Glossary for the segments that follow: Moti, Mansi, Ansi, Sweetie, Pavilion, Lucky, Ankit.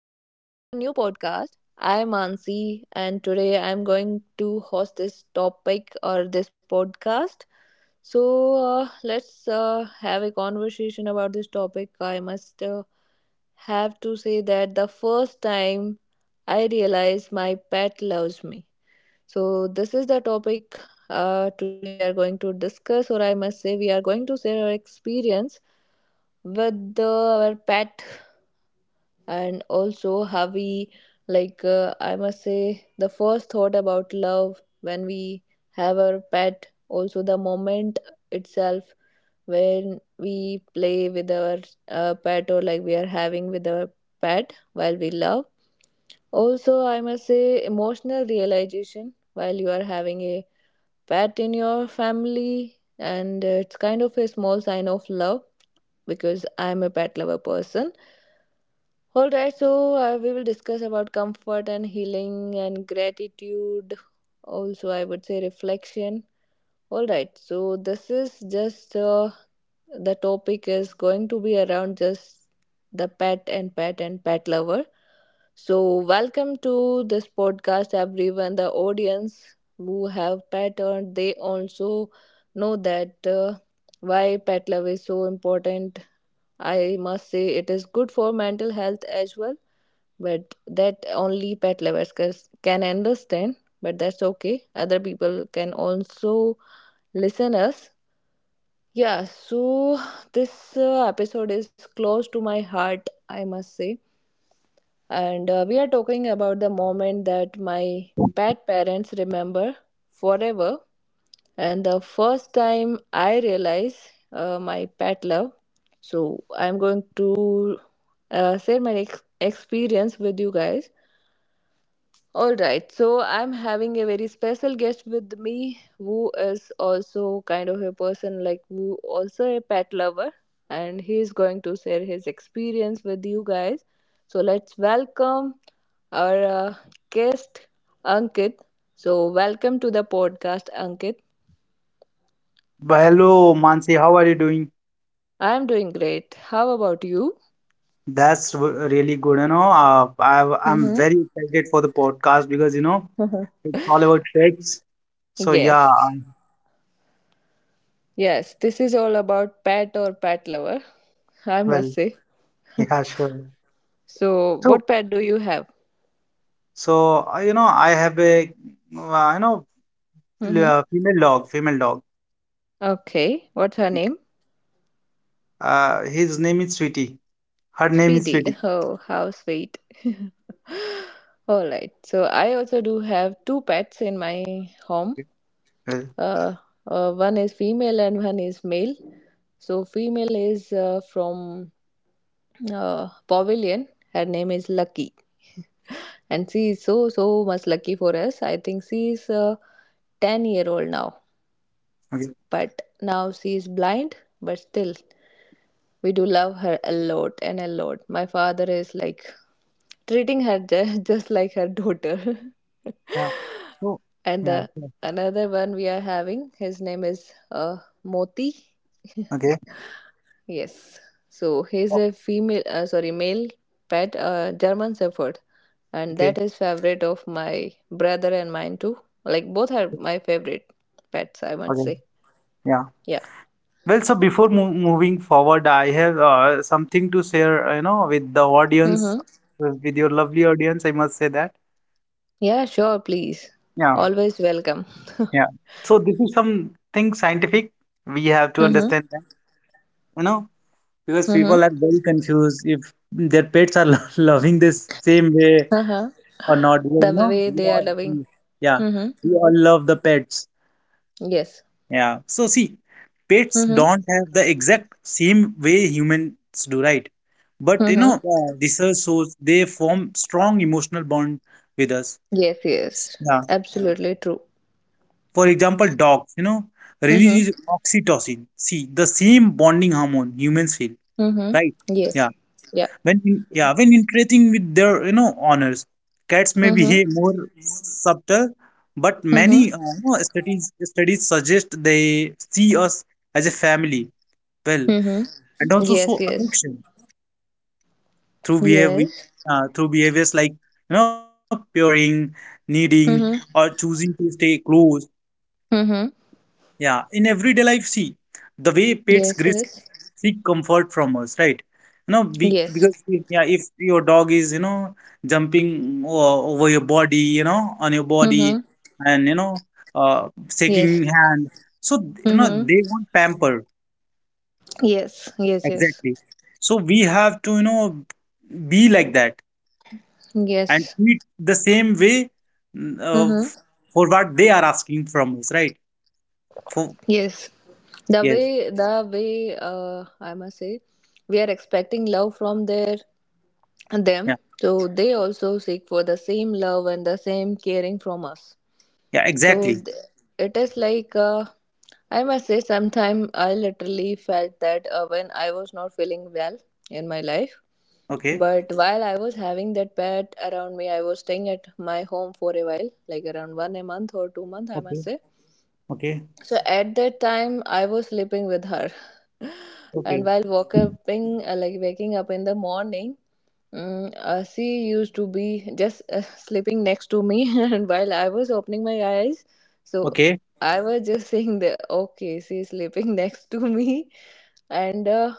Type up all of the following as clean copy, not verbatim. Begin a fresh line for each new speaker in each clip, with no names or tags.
new podcast. I'm Ansi, and today I'm going to host this topic or this podcast. So let's have a conversation about this topic. I must have to say that the first time I realized my pet loves me. So, this is the topic today we are going to discuss, or I must say, we are going to share our experience with the, our pet and also how we I must say the first thought about love when we have our pet also the moment itself when we play with our pet or like we are having with our pet while we love also I must say emotional realization while you are having a pet in your family and it's kind of a small sign of love because I'm a pet lover person. All right, so we will discuss about comfort and healing and gratitude. Also, I would say reflection. All right, so this is just the topic is going to be around just the pet and pet lover. So, welcome to this podcast, everyone. The audience who have pet and they also know that why pet love is so important. I must say it is good for mental health as well, but that only pet lovers can understand, but that's okay, other people can also listen us. Yeah, so this episode is close to my heart, I must say, and we are talking about the moment that my pet parents remember forever and the first time I realize my pet love. So I'm going to share my experience with you guys. All right, so I'm having a very special guest with me who is also kind of a person like who also a pet lover and he is going to share his experience with you guys. So let's welcome our guest Ankit. So welcome to the podcast, Ankit.
Well, hello, Mansi. How are you doing?
I'm doing great. How about you?
Really good. You know, I'm
Mm-hmm.
very excited for the podcast because you know
Mm-hmm.
it's all about tricks. So
Yes. Yes, this is all about pet or pet lover, I must
well,
say.
yeah, sure.
So
So,
what pet do you have?
you know, I have a uh, you know
Mm-hmm.
female dog.
Okay, what's her name?
His name is Sweetie. Her name is
Sweetie.
Sweetie.
Oh, how sweet. All right. So I also do have two pets in my home.
Okay. Well,
Uh, one is female and one is male. So female is from Pavilion. Her name is Lucky, and she is so so much lucky for us. I think she is 10 year old now,
okay.
but now she is blind. But still, we do love her a lot and a lot. My father is like treating her just like her daughter.
Yeah. So,
And
yeah,
the
sure.
another one we are having, his name is Moti.
Okay.
Yes. So he's
Oh,
a female, sorry, male pet, German Shepherd, and
okay.
that is favorite of my brother and mine too. Like both are my favorite pets, I must
Okay.
say.
Yeah.
Yeah.
Well, so before mo moving forward, I have something to share, you know, with the audience,
Mm-hmm.
with your lovely audience, I must say that.
Yeah, sure, please.
Yeah,
Always welcome.
yeah. So this is something scientific. We have to
Mm-hmm.
understand that, you know, because
Mm-hmm.
people are very confused if their pets are lo- loving this same way
Uh-huh.
or not. Because,
The
you know,
way they are loving.
yeah,
Mm-hmm.
we all love the pets.
Yes.
Yeah. So see, pets
Mm-hmm.
don't have the exact same way humans do, right? But you know,
Mm-hmm.
research shows they form strong emotional bond with us.
Yes, yes.
Yeah.
Absolutely true.
For example, dogs, you know,
Mm-hmm.
release oxytocin. See, the same bonding hormone humans feel,
Mm-hmm.
right?
Yes.
Yeah.
Yeah.
Yeah, when interacting with their, you know, owners, cats may
Mm-hmm.
behave more subtle, but many
Mm-hmm.
you know, studies suggest they see us as a family. Well,
Mm-hmm.
and also
Yes,
show
yes.
affection through behavior
Yes.
through behaviors like you know purring, kneading, or
Mm-hmm.
choosing to stay close,
Mm-hmm.
yeah, in everyday life. See the way pets
Yes, yes.
seek comfort from us, right? You know,
Yes.
because yeah, if your dog is you know jumping over your body, you know, on your
Mm-hmm.
body, and you know, uh, shaking
Yes.
hand, so you know
Mm-hmm.
they want pamper,
Yes. Yes, yes.
exactly. So we have to you know be like that and
Yes.
treat the same way mm, uh,
Mm-hmm.
for what they are asking from us, right? For
Yes. The
yes,
way the way I must say we are expecting love from their
yeah,
them, so they also seek for the same love and the same caring from us,
yeah,
so
exactly.
it is like I must say sometime I literally felt that when I was not feeling well in my life,
Okay,
but while I was having that pet around me, I was staying at my home for a while like around one a month or 2 month, I
okay,
must say.
okay,
So at that time I was sleeping with her and
okay,
while waking like waking up in the morning, she used to be just sleeping next to me, and while I was opening my eyes, so
okay,
I was just saying that okay, she's sleeping next to me, and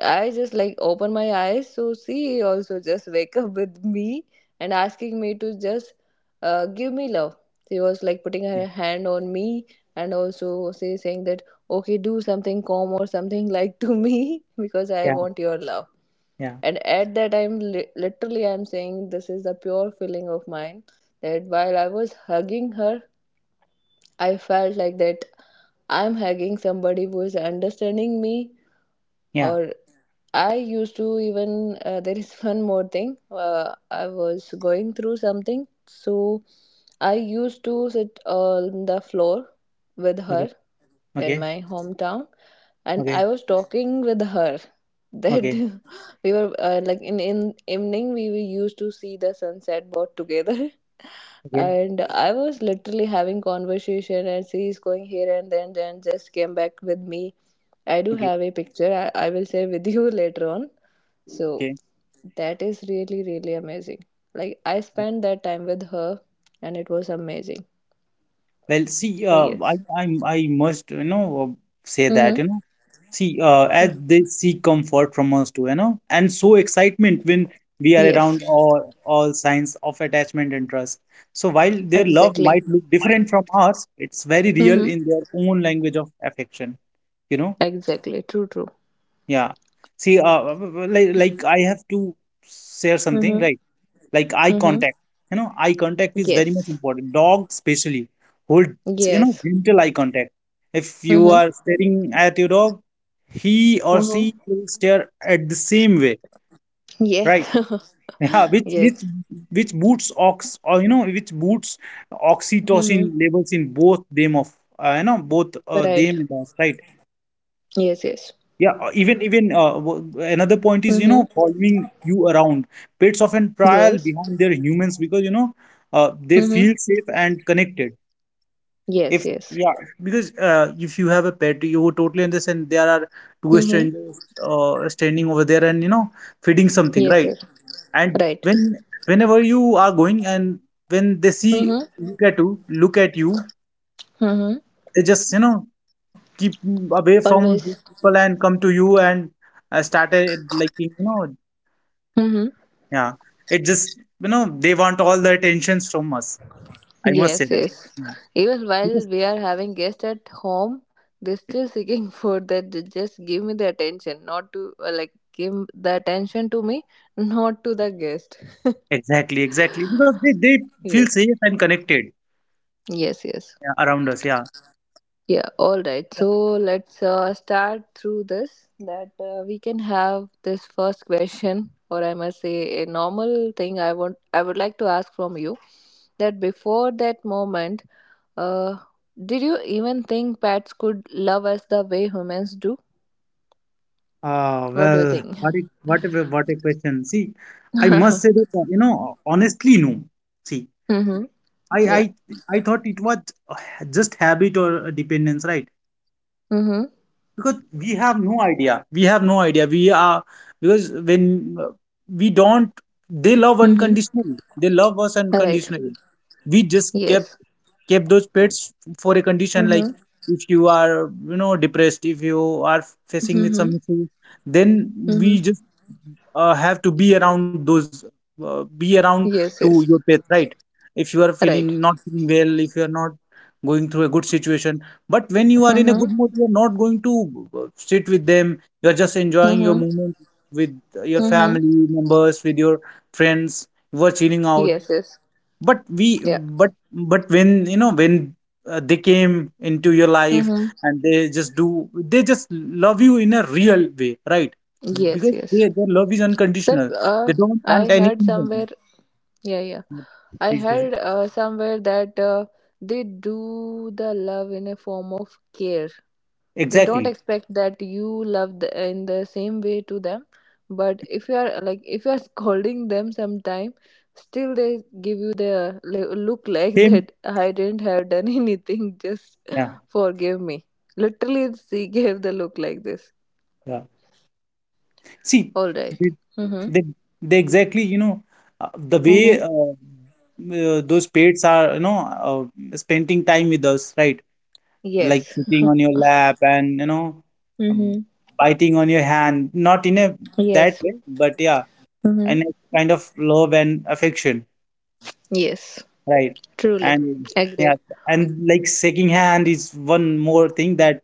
I just like open my eyes, so she also just wake up with me and asking me to just give me love. She was like putting
yeah,
her hand on me, and also she saying that okay, do something calm or something like to me because I
yeah,
want your love.
yeah,
And at that time literally I'm saying this is the pure feeling of mine that while I was hugging her, I felt like that I'm hugging somebody who is understanding me,
yeah.
or I used to even there is one more thing, I was going through something, so I used to sit on the floor with
Okay,
her in
okay,
my hometown, and
okay,
I was talking with her that
okay,
we were like in evening we were used to see the sunset both together.
okay,
And I was literally having conversation and she's going here and then just came back with me. I do have a picture, I will share with you later on. So
okay,
that is really really amazing. Like I
okay.
spent that time with her and it was amazing.
Well, see,
So yes.
I must, you know, say
Mm-hmm.
that, you know, see, as they seek comfort from us too, you know, and so excitement when we are around,
Yes.
all signs of attachment and trust. So while their love
Exactly.
might look different from ours, it's very real
Mm-hmm.
in their own language of affection, you know?
Exactly. True.
Yeah. See, like I have to share something,
Mm-hmm.
right? Like eye
Mm-hmm.
contact, you know, eye contact is very much
Yes.
important. Dogs, especially, hold, you know,
Yes.
gentle eye contact. If you
Mm-hmm.
are staring at your dog, he or
Mm-hmm.
she will stare at the same way,
Yes.
right? Yeah,
yes.
which boosts ox or you know which boosts oxytocin
Mm-hmm.
levels in both them of you know, both
Right.
them and us, right?
Yes, yes.
Yeah, even another point is, you know,
Mm-hmm.
following you around. Pets often trail
Yes.
behind their humans because, you know, they
Mm-hmm.
feel safe and connected.
Yes,
If
yes.
yeah, because if you have a pet, you would totally understand there are two
Mm-hmm.
strangers standing over there and, you know, feeding something,
Yes,
right?
yes.
And
Right.
whenever you are going, and when they see,
Mm-hmm.
look at you,
Mm-hmm.
they just, you know, keep away from
Always.
people and come to you and started like you know.
Mm-hmm.
Yeah. It just, you know, they want all the attentions from us. I must say
Yes,
that.
yes.
Yeah.
Even while
Because
we are having guests at home, they're still seeking food that they just give me the attention, not to like give the attention to me, not to the guest.
exactly, exactly. Because they feel
Yes.
safe and connected,
Yes, yes.
yeah, around us. Yeah.
Yeah, all right. So let's start through this that we can have this first question or I must say a normal thing I would like to ask from you that before that moment uh did you even think pets could love us the way humans do?
Ah,
What do you
well,
think?
what a, what a question. See, I must say
mm-hmm.
that, you know, honestly, no. See, I,
Yeah.
I, I thought it was uh, just habit or a dependence, right?
Mm-hmm.
Because we have no idea we are, because when we don't they love
Mm-hmm.
unconditionally, they love us
All right.
unconditionally. We just
Yes.
kept those pets for a condition, like
Mm-hmm.
if you are you know depressed, if you are facing with
Mm-hmm.
some issue, then we
Mm-hmm.
just have to be around those be around to
Yes,
your
yes.
pets, right? If you are feeling,
Right.
not feeling well, if you are not going through a good situation, but when you are in a
Mm-hmm.
good mood, you are not going to sit with them. You are just enjoying your
Mm-hmm.
moment with your
Mm-hmm.
family members, with your friends. You are chilling out.
Yes, yes.
But we,
Yeah.
but when you know when they came into your life,
Mm-hmm.
and they just love you in a real way, right?
Yes,
Because
yes.
their love is
That
unconditional. They don't
I
want
heard
anything from
somewhere. Yeah, yeah.
you.
I
Please go ahead.
heard somewhere that they do the love in a form of care. They don't
Exactly.
expect that you love the, in the same way to them, but if you are like if you are scolding them sometime, still they give you the look like
Same.
that I didn't have done anything. Just
Yeah.
forgive me. Literally, she gave the look like this.
Yeah. See.
All right. Mhm.
They they exactly, you know, the
Mhm.
way those pets are, you know, spending time with us, right? Like
Yes.
sitting on your lap and, you know, um,
Mm-hmm.
biting on your hand. Not in a that
Yes.
way, but yeah,
Mm-hmm.
and a kind of love and affection,
Yes.
right?
Truly.
And yeah,
Agree.
and like shaking hand is one more thing that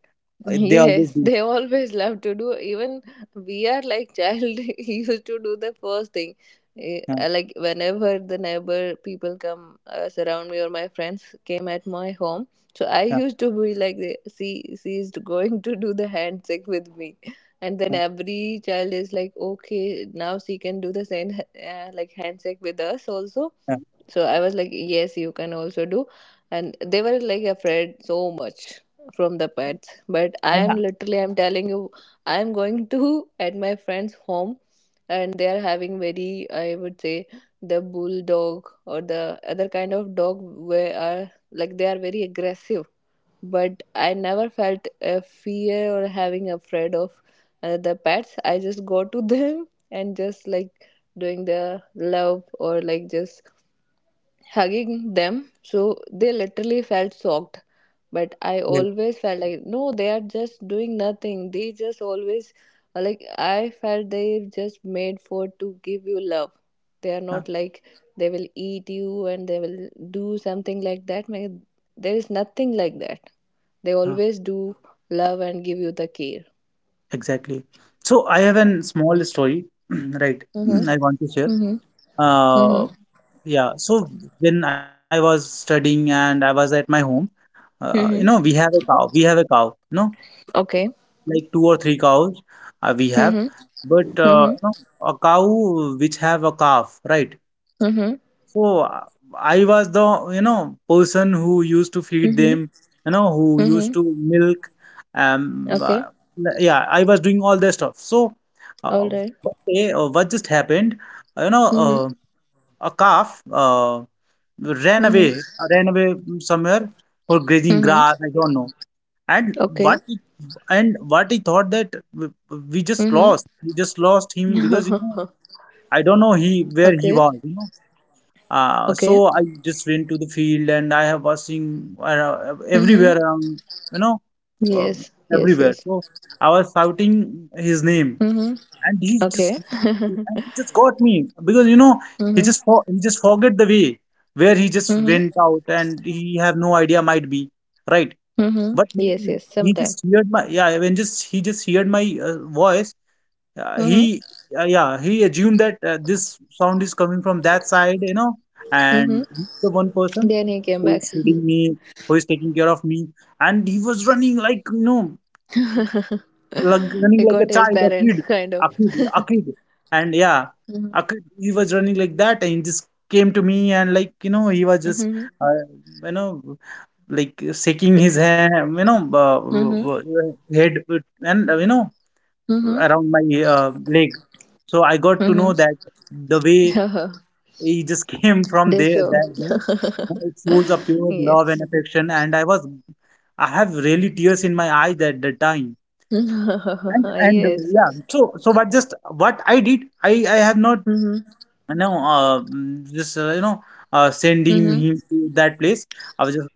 they always
Yes,
do.
they always love to do. Even we are like child used to do the first thing.
Yeah,
Like whenever the neighbor people come surround me or my friends came at my home, so I
yeah,
used to be like, see, she is going to do the handshake with me, and then
yeah,
every child is like, okay, now she can do the same like handshake with us also.
yeah.
So I was like, yes, you can also do. And they were like afraid so much from the pets. But I
I,
am literally, I'm telling you, I'm going to at my friend's home and they are having very, I would say, the bulldog or the other kind of dog where are like they are very aggressive. But I never felt a fear or having afraid of the pets. I just go to them and just like doing the love or like just hugging them. So they literally felt shocked. But I always felt like, no, they are just doing nothing. They just always, like, I felt they just made for to give you love. They are not like they will eat you and they will do something like that. There is nothing like that. They
well,
always do love and give you the care.
Exactly. So I have
Yeah.
a small story, right?
Mm-hmm.
I want to share.
Mm-hmm. Mm-hmm.
Uh, yeah. So when I was studying and I was at my home, you know,
Mm-hmm.
We have a cow. You know,
Okay.
like two or three cows, we have.
Mm-hmm.
But
Mm-hmm.
you know, a cow which have a calf, right?
Mm-hmm.
So I was the, you know, person who used to feed them,
Mm-hmm.
you know, who used
Mm-hmm.
to milk. Um, uh,
Okay.
yeah, I was doing all that stuff. So
All
uh,
right.
one day, what just happened, you
Mhm.
know, a calf
Mhm.
ran away somewhere for grazing
Mhm.
grass, I don't know. And
Okay.
what he, and what he thought that we just
Mhm.
we just lost him because, you know, I don't know he where he
okay.
was, you know.
Okay.
So I just went to the field and I have watching
Mhm.
everywhere around, you know, um,
Yes. Yes.
everywhere.
Yes.
So I was shouting his name,
Mhm.
and he
Okay.
just and he just got me because you know
mhm.
he just forget the way where he just
Mhm.
went out and he have no idea might be right.
Mhm.
But
Yes.
maybe
Yes.
he
Sometime.
just heard my yeah when just he just heard my voice,
Mhm.
he yeah, he assumed that this sound is coming from that side, you know,
Mhm.
and he's the one person
Then he came
who
back.
is feeding me, who is taking care of me, and he was running like you know, like running
he
like
got
a
his
child a kid
parents kind of.
a kid a kid and yeah
Mhm.
a kid, he was running like that, and he just came to me and like you know he was just
Mhm.
uh, you know like shaking his hand, you know,
Mhm.
head, and you know,
Mhm.
around my leg. So I got to know that the way
Mhm.
he just came from
they
there,
so.
that there, you know, it shows a pure love
Yes.
and affection. And I was, I have really tears in my eyes at the time. And yeah,
yes.
so what I did, I have not
Mhm.
no, just you know, sending
Mhm.
him to that place. I was just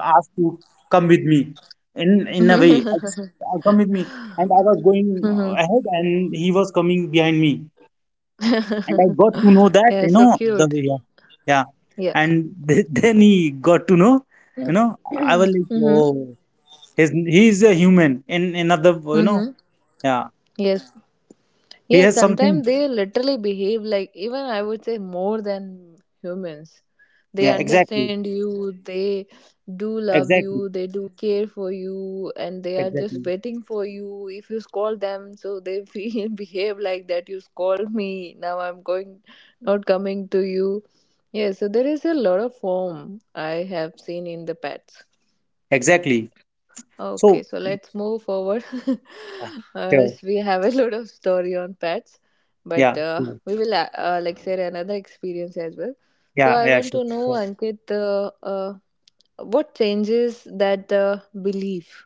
asked to come with me. In a way,
Mhm.
come with me, and I was going
Mhm.
ahead, and he was coming behind me, and I got to know that
yeah,
you
so
know the
cute.
way. Yeah, yeah,
Yeah.
and then he got to know, you know, I was like,
Mm-hmm.
oh, he is a human in another, you know,
Mm-hmm.
yeah,
Yes,
he
yes,
has something,
sometimes they literally behave like, even I would say, more than humans. They
yeah, exactly,
understand you, they do love
exactly,
you, they do care for you, and they are
exactly,
just waiting for you. If you scold them, so they feel behave like that you scold me, now I'm going, not coming to you. Yeah, so there is a lot of form I have seen in the pets.
exactly.
Okay,
So
so let's move forward.
yeah, sure.
As we have a lot of story on pets, but
Yeah,
uh,
sure.
we will like share another experience as well. So
Yeah,
I
yeah,
want to know,
sure.
Ankit, what changes that belief?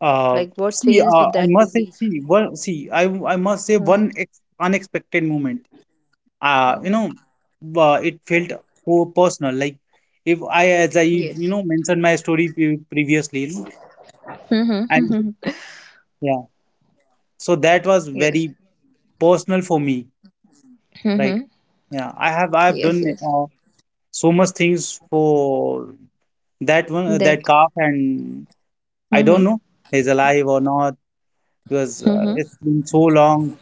Uh,
Like what
see,
changed
I
that
must say,
belief?
see, I must say
Mm-hmm.
one ex unexpected moment. You
Mm-hmm.
know, it felt personal. Like if I, as I, you
Yes.
know, mentioned my story previously, you know, and
Mm-hmm.
yeah, so that was
Yes.
very personal for me, right?
Mm-hmm.
Yeah, I have
Yes.
done
Yes.
so much things for that one,
That.
that calf, and I don't
Mm-hmm.
know he's alive or not because
Mm-hmm.
it's been so long,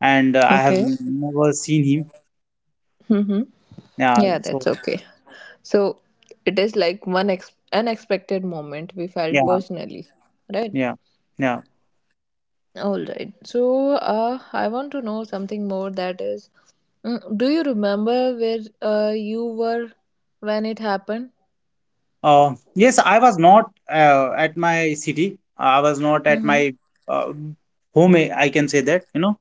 and I have
Okay.
never seen him.
Mm-hmm.
Yeah,
Yeah, that's
so
okay. So it is like one unexpected moment we
yeah,
felt personally, right?
yeah, yeah.
All right. So I want to know something more. That is, do you remember where you were when it happened?
Yes, I was not at my city. I was not at
Mm-hmm.
my uh, home. Eh, I can say that, you know.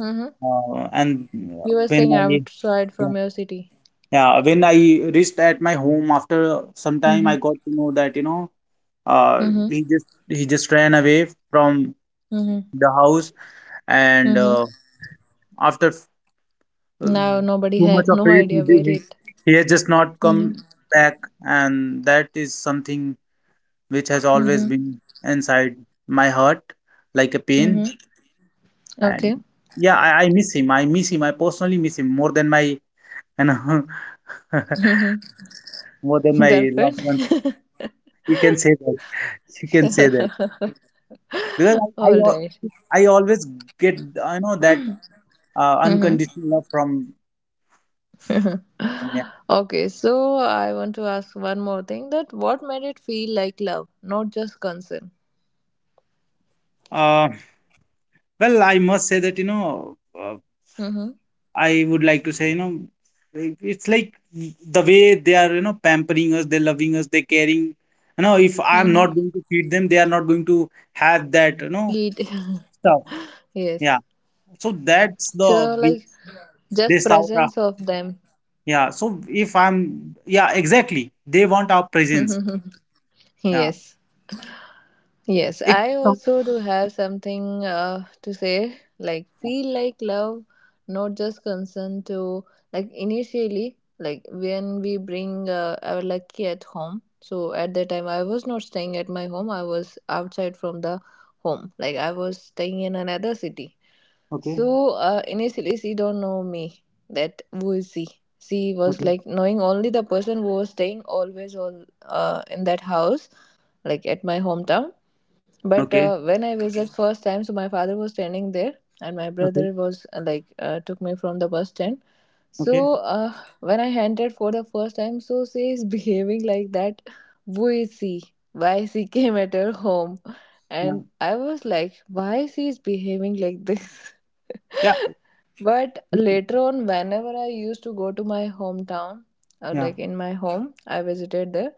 Mm-hmm.
And
You were
when
staying
I
outside
yeah,
from your city.
yeah, when I reached at my home after some time, I
Mm-hmm.
got to know that, you know,
Mm-hmm.
he just ran away from
Mm-hmm.
the house, and
Mm-hmm.
after
Now nobody
too much
have
of
no
it.
idea where it.
He has just not
Mm-hmm.
come back, and that is something which has always
Mm-hmm.
been inside my heart, like a
Mm-hmm.
pain. And
Okay.
yeah, I miss him. I miss him. I personally miss him more than my you know,
Mm-hmm.
more than my loved
Girlfriend.
ones. You can say that. You can say that because
All right.
I always get, I know that,
Mhm.
unconditional love from, yeah.
Okay, so I want to ask one more thing that what made it feel like love, not just concern?
Uh, well, I must say that, you know.
Mm-hmm.
I would like to say, you know, it's like the way they are, you know, pampering us, they're loving us, they're caring. You know, if I'm
Mm-hmm.
not going to feed them, they are not going to have that, you know,
It,
stuff. Yeah.
Yes.
So that's
So,
the way
like,
they
just
sour.
presence of them.
Yeah. So if I'm, yeah, exactly. They want our presence. Yeah.
Yes. Yes,
If
I
some,
also do have something to say. Like,
yeah.
feel like love, not just consent to, like, initially, like, when we bring our lucky at home. So, at that time, I was not staying at my home, I was outside from the home. Like, I was staying in another city.
Okay.
So, initially, she don't know me, that who is she. She was
Okay.
like knowing only the person who was staying always all in that house, like at my hometown, but
Okay.
when I visit first time, so my father was standing there, and my
Okay.
brother was like took me from the bus stand.
Okay.
So when I entered for the first time, so she is behaving like that. Who is she? Why she came at her home?
Yeah.
And I was like, why she is behaving like this?
Yeah.
But later on, whenever I used to go to my hometown, or
Yeah.
like in my home, I visited there.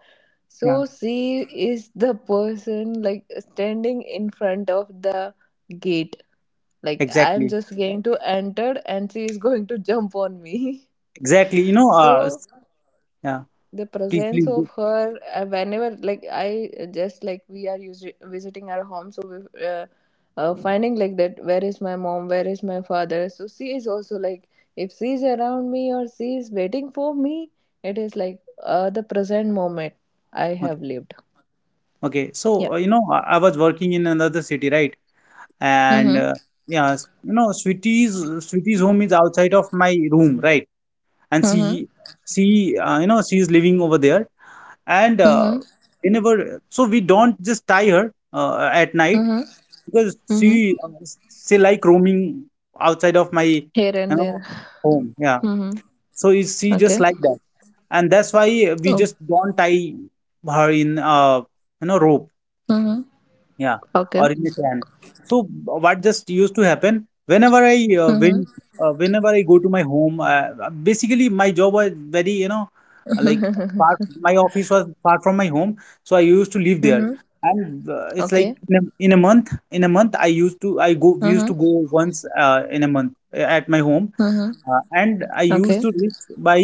Yeah.
So she is the person like standing in front of the gate. Like I'm
Exactly.
just going to enter and she is going to jump on me.
Exactly. You know,
So
yeah.
the
Please,
presence
please
of
go.
her, whenever like I, just like we are usually visiting our home, so we, finding like that where is my mom, where is my father, so she is also like if she is around me or she is waiting for me, it is like the present moment I
Okay.
have lived.
Okay,
Yeah.
so, you know, I was working in another city, right? And
Mm-hmm.
yeah, you know, Sweetie's home is outside of my room, right? And
Mm-hmm.
she, you know, she is living over there. And
Mm-hmm.
whenever, so we don't just tie her at night
Mm-hmm.
because
Mm-hmm.
she like roaming outside of my, you
Here and there.
know, home. Yeah.
Mm-hmm.
So is she
Okay.
just like that, and that's why we
Oh.
just don't tie her in, you know, rope.
Mm-hmm.
Yeah,
Okay.
or in a can. So what just used to happen whenever I
Mm-hmm.
when whenever I go to my home, basically my job was very, you know, like far, my office was far from my home, so I used to live there.
Mm-hmm.
And it's like
Okay.
in a month I used to I go we used to
Mm-hmm.
go once in a month at my home,
Mm-hmm.
and I used
Okay.
to reach by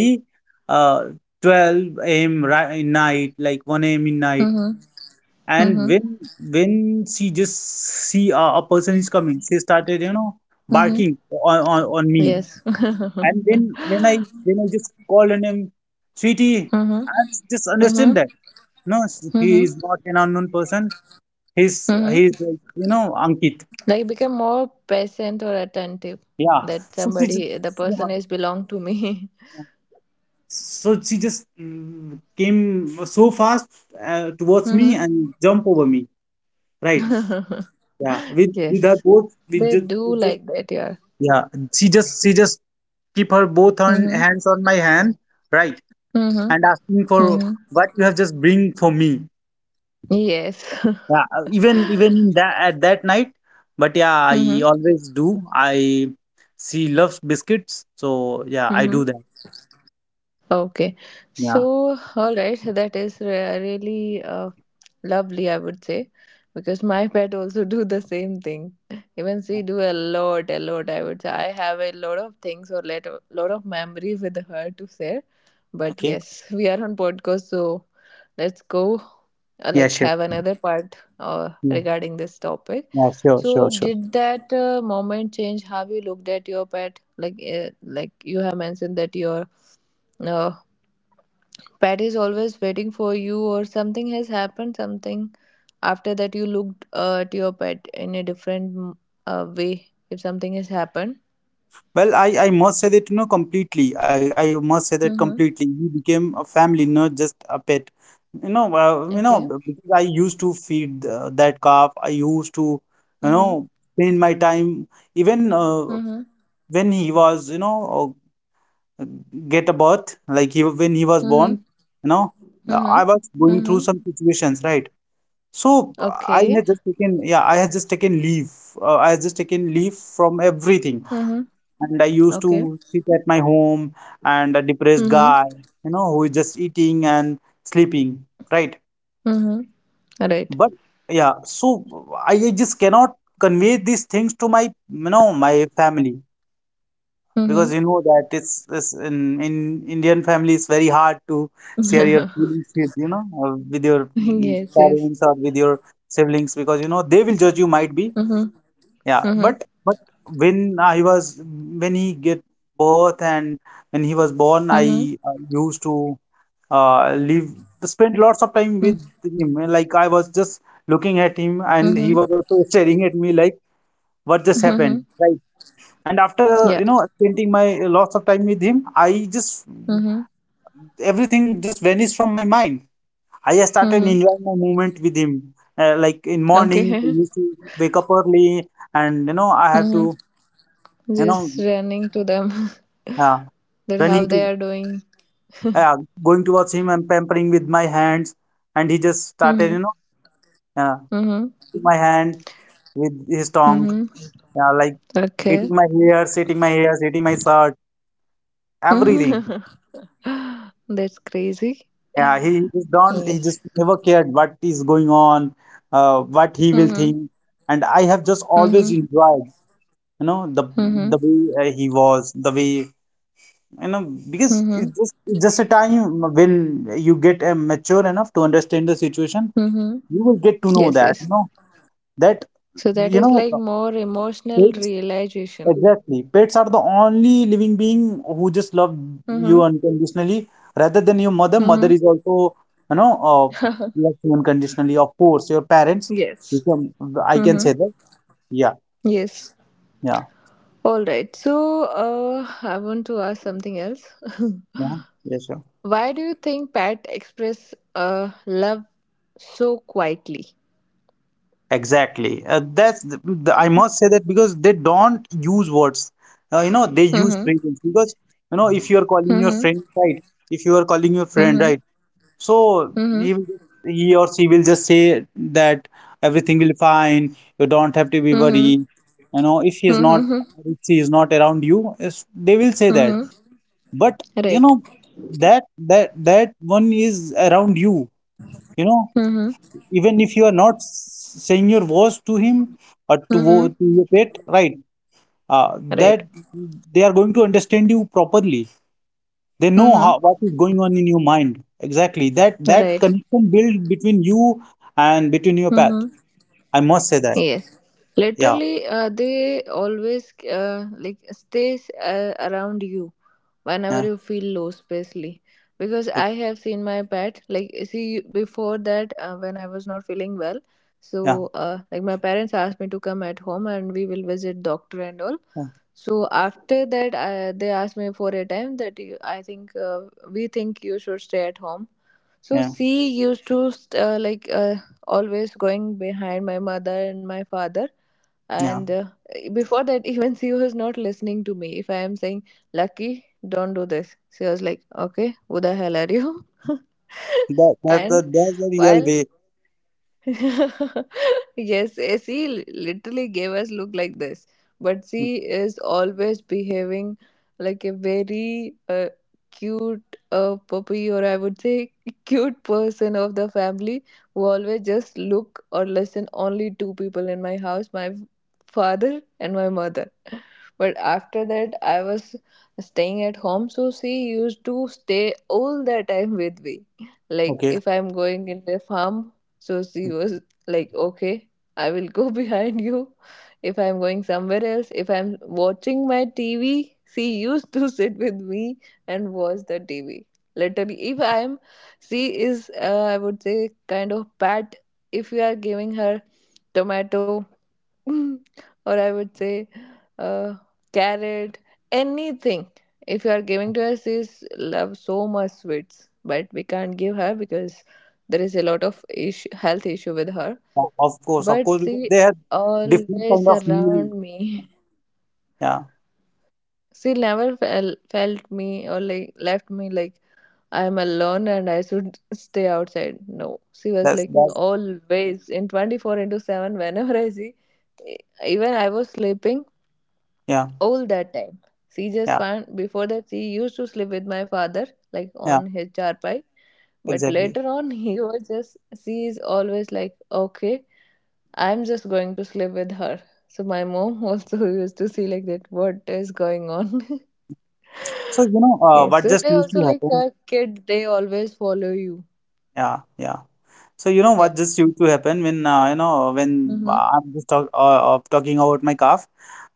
uh, 12 a.m., in night, like 1 a.m. in night.
Mm-hmm.
And
Mm-hmm.
when she just see a person is coming, she started, you know,
Mm-hmm.
barking on me.
Yes.
And
Mm-hmm.
when I just called her name, Sweetie, and
Mm-hmm.
she just understand that. No, he
Mm-hmm.
is not an unknown person. He's
Mm-hmm.
like, you know, Ankit.
Like become more patient or attentive
Yeah.
that
So she just,
somebody, the
yeah.
person is belong to me.
So she just, mm, came so fast towards me
Mm-hmm.
and jump over me. Right. Yeah. With her
Yes.
both with
They
just,
do like that, yeah.
yeah, and she just keep her both on
Mm-hmm.
hands on my hand, right? And
Mm-hmm.
asking for
Mm-hmm.
what you have just bring for me.
Yes.
Yeah, even even in that at that night, but yeah, I
Mm-hmm.
always do. I, she loves biscuits, so yeah, I
Mm-hmm.
do that.
Okay.
Yeah.
So, all right. That is really lovely, I would say, because my pet also do the same thing. Even
Yeah.
she do a lot, I would say. I have a lot of things, or let, lot of memory with her to share, but
Okay.
yes, we are on podcast, so let's go
Yeah,
like
sure.
have another part
Yeah,
regarding this topic.
yeah, sure, sure,
So
sure.
did that moment change how you looked at your pet, like you have mentioned that your uh, pet is always waiting for you, or something has happened, something after that you looked at your pet in a different way, if something has happened.
Well, I must say that, you know, completely. I must say that
Mm-hmm.
completely. We became a family, not just a pet. You know,
Okay.
because I used to feed that calf. I used to, you
Mm-hmm.
know, spend my time even
Mm-hmm.
when he was, you know, uh, get a birth, like he when he was
Mm-hmm.
born. You know,
Mm-hmm.
I was going through
Mm-hmm.
some situations, right? So I
Okay.
had just taken, yeah, I had just taken leave. I had just taken leave from everything
Mm-hmm.
and I used
Okay.
to sit at my home and a depressed
Mm-hmm.
guy, you know, who is just eating and sleeping, right?
Mm-hmm. All right.
But yeah, so I just cannot convey these things to my, you know, my family
Mm-hmm.
because you know that it's in Indian family it's very hard to share your feelings with, you know, with your, mm,
Yes, yes.
parents or with your siblings because you know they will judge you, might be.
Mm-hmm.
Yeah,
Mm-hmm.
but when I was when he get birth and when he was born, I
Mm-hmm.
used to live spend lots of time with him. Like I was just looking at him, and he
Mm-hmm.
was also staring at me like, "What just happened?"
Mm-hmm.
Right. And after,
Yeah.
you know, spending my lots of time with him, I just,
Mm-hmm.
everything just vanished from my mind. I just started
Mm-hmm.
enjoying my moment with him. Like in morning, I
Okay.
used to wake up early, and you know I have to,
Mm-hmm.
you know,
Just running to them.
yeah,
That
running
how they
to,
are doing.
yeah, going towards him and pampering with my hands, and he just started,
Mm-hmm.
you know, yeah,
Mm-hmm.
eating my hand with his tongue,
Mm-hmm.
yeah, like eating
Okay.
my hairs, eating my hairs, eating my shirt, everything.
That's crazy.
Yeah, he just don't, he
Yes.
just never cared what is going on, what he will
Mm-hmm.
think, and I have just always
Mm-hmm.
enjoyed, you know,
Mm-hmm.
the way he was, the way, you know, because
Mm-hmm.
it's just a time when you get mature enough to understand the situation,
Mm-hmm.
you will get to know
Yes,
that you
yes.
know that
So that
you
is
know
like more emotional
pets,
realization.
exactly, pets are the only living being who just love
Mm-hmm.
you unconditionally rather than your mother, mother
Mm-hmm.
is also, you know, loves you unconditionally, of course your parents, you
Yes.
can, I can say
Mm-hmm.
that, yeah,
Yes.
yeah,
All right. So I want to ask something else.
yeah, yeah, sure.
Why do you think Pat express love so quietly?
Exactly, that's the, I must say that because they don't use words, you know they use phrases because, you know, if you are calling your
Mhm.
friend, right? If you are calling your friend,
Mhm.
right? So
Mhm.
he or she will just say that everything will fine. You don't have to be
Mhm.
worried. You know, if he is not,
Mhm.
if she is not around you, they will say
Mhm.
that. But you
Right.
know, that, that that one is around you. You know,
Mhm.
even if you are not saying your voice to him or
Mhm.
to your pet, right?
Right.
That they are going to understand you properly. They know how
Mhm.
what is going on in your mind. Exactly. That that
Right.
connection build between you and between your pet.
Mhm.
I must say that.
Yes.
Yeah.
Literally, they always like stays around you, whenever
Yeah,
you feel low, especially because
like,
I have seen my pet, like, see before that, when I was not feeling well. So
yeah.
like my parents asked me to come at home and we will visit doctor and all.
Yeah.
So after that they asked me for a time that I think we think you should stay at home. So
Yeah.
she used to like always going behind my mother and my father,
Yeah.
and before that even she was not listening to me. If I am saying, "Lucky, don't do this," she was like, okay, who the hell are you?
That that's the,
And
that's the real
while
way.
yes, she literally gave us look like this, but she is always behaving like a very cute puppy, or I would say, cute person of the family, who always just look or listen only two people in my house, my father and my mother. But after that, I was staying at home, so she used to stay all the time with me. Like
Okay.
if I'm going in the farm, so she was like, okay, I will go behind you. If I'm going somewhere else, if I'm watching my TV, she used to sit with me and watch the TV. Literally, if I'm, she is, I would say, kind of bad. If you are giving her tomato or I would say uh, carrot, anything. If you are giving to us, this love so much sweets, but we can't give her because there is a lot of issue, health issue with her.
O- Of course. Of course,
But
because
she
they have different kind
always
of meal.
around me.
Yeah.
She never felt me or like left me like I am alone and I should stay outside. No, she was like
That's
always in 24/7. Whenever I see, E- even I was sleeping,
yeah.
all that time. She just
Yeah.
found before that she used to sleep with my father, like
Yeah.
on his charpai. But
Exactly.
later on, he was just, she is always like, okay, I'm just going to sleep with her. So my mom also used to see like that. What is going on?
So you know,
Yes.
what
So
just
they
used
also
to
like
happen.
a kid. They always follow you.
Yeah. Yeah. So you know
Yeah.
what just used to happen when, you know, when
Mhm.
I'm just talking about my calf.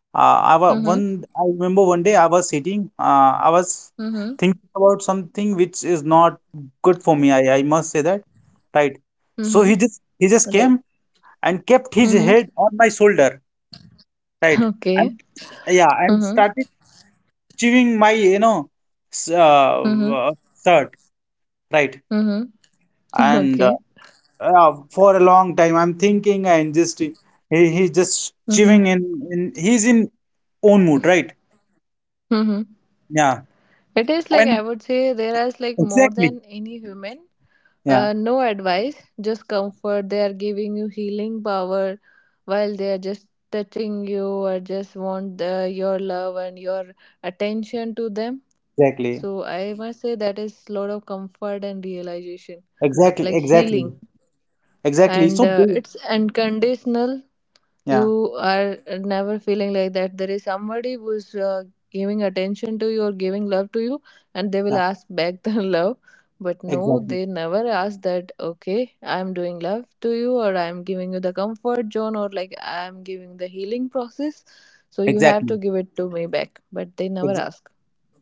Uh, I was
Mhm.
one. I remember one day I was sitting. I was
Mhm.
thinking about something which is not good for me. I must say that, right? So
Mhm.
he just
Right.
came and kept his
Mhm.
head on my shoulder, right?
Okay.
And yeah, and
Mhm.
started chewing my, you know, s- uh,
Mhm.
uh, shirt, right?
Mhm.
And
Okay.
for a long time. I'm thinking and just he, he's just chewing
Mhm.
in, he's in own mood, right?
Mhm.
Yeah.
It is like, I
And
would say, there is like more
exactly.
than any human.
Yeah,
No advice, just comfort. They are giving you healing power while they are just touching you, or just want your love and your attention to them.
exactly.
So I must say that is lot of comfort and realization,
Exactly,
like healing,
exactly. Exactly.
and it's unconditional. You
Yeah,
are never feeling like that there is somebody who is giving attention to you or giving love to you and they will
yeah,
ask back the love. But no,
exactly.
they never ask that, okay, I'm doing love to you, or I'm giving you the comfort zone, or like I'm giving the healing process, so you have to
Exactly.
give it to me back. But they never
Ex
ask.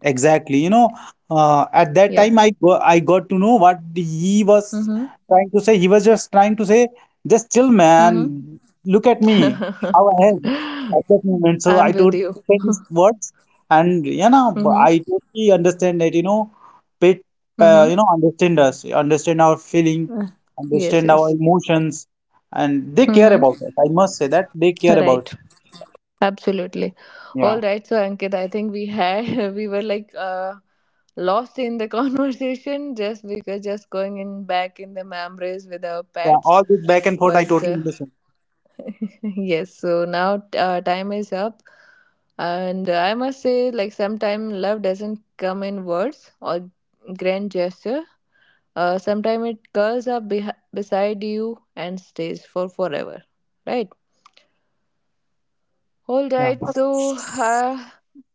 Exactly. You know, at that
Yeah.
time, I got to know what he was
Mhm.
trying to say. He was just trying to say, just chill,
Mhm.
man. Look at me, how I am at that moment. So
I'm
I
with
totally
you.
understand his words, and you know,
Mhm.
I totally understand that. You know, pet,
Mhm.
you know, understand us, understand our feeling,
Uh, yes,
understand our
yes.
emotions, and they care
Mhm.
about us. I must say that they care about.
Right. Absolutely.
Yeah,
All right. So, Ankit, I think we had, we were like lost in the conversation, just because just going in back in the memories with our
yeah.
pets.
All this back and forth, I
But
totally understand.
yes, so now time is up. And I must say, like, sometimes love doesn't come in words or grand gesture. Sometimes it curls up beh beside you and stays for forever, right? All
Yeah.
right, so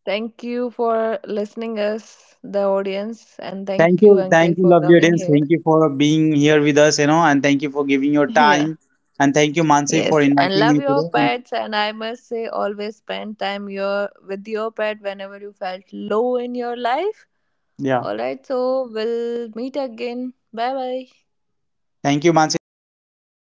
thank you for listening us, the audience, and thank you,
Thank
Ankit,
you,
for
lovely
coming
audience.
here.
Thank you for being here with us, you know, and thank you for giving your
Yeah.
time. And thank you, Mansi, for
Yes, and
inviting
love
me
your
today. And
pets, and I must say, always spend time your with your pet whenever you felt low in your life.
yeah,
All right, so we'll meet again. Bye bye.
thank you, Mansi. Thank you for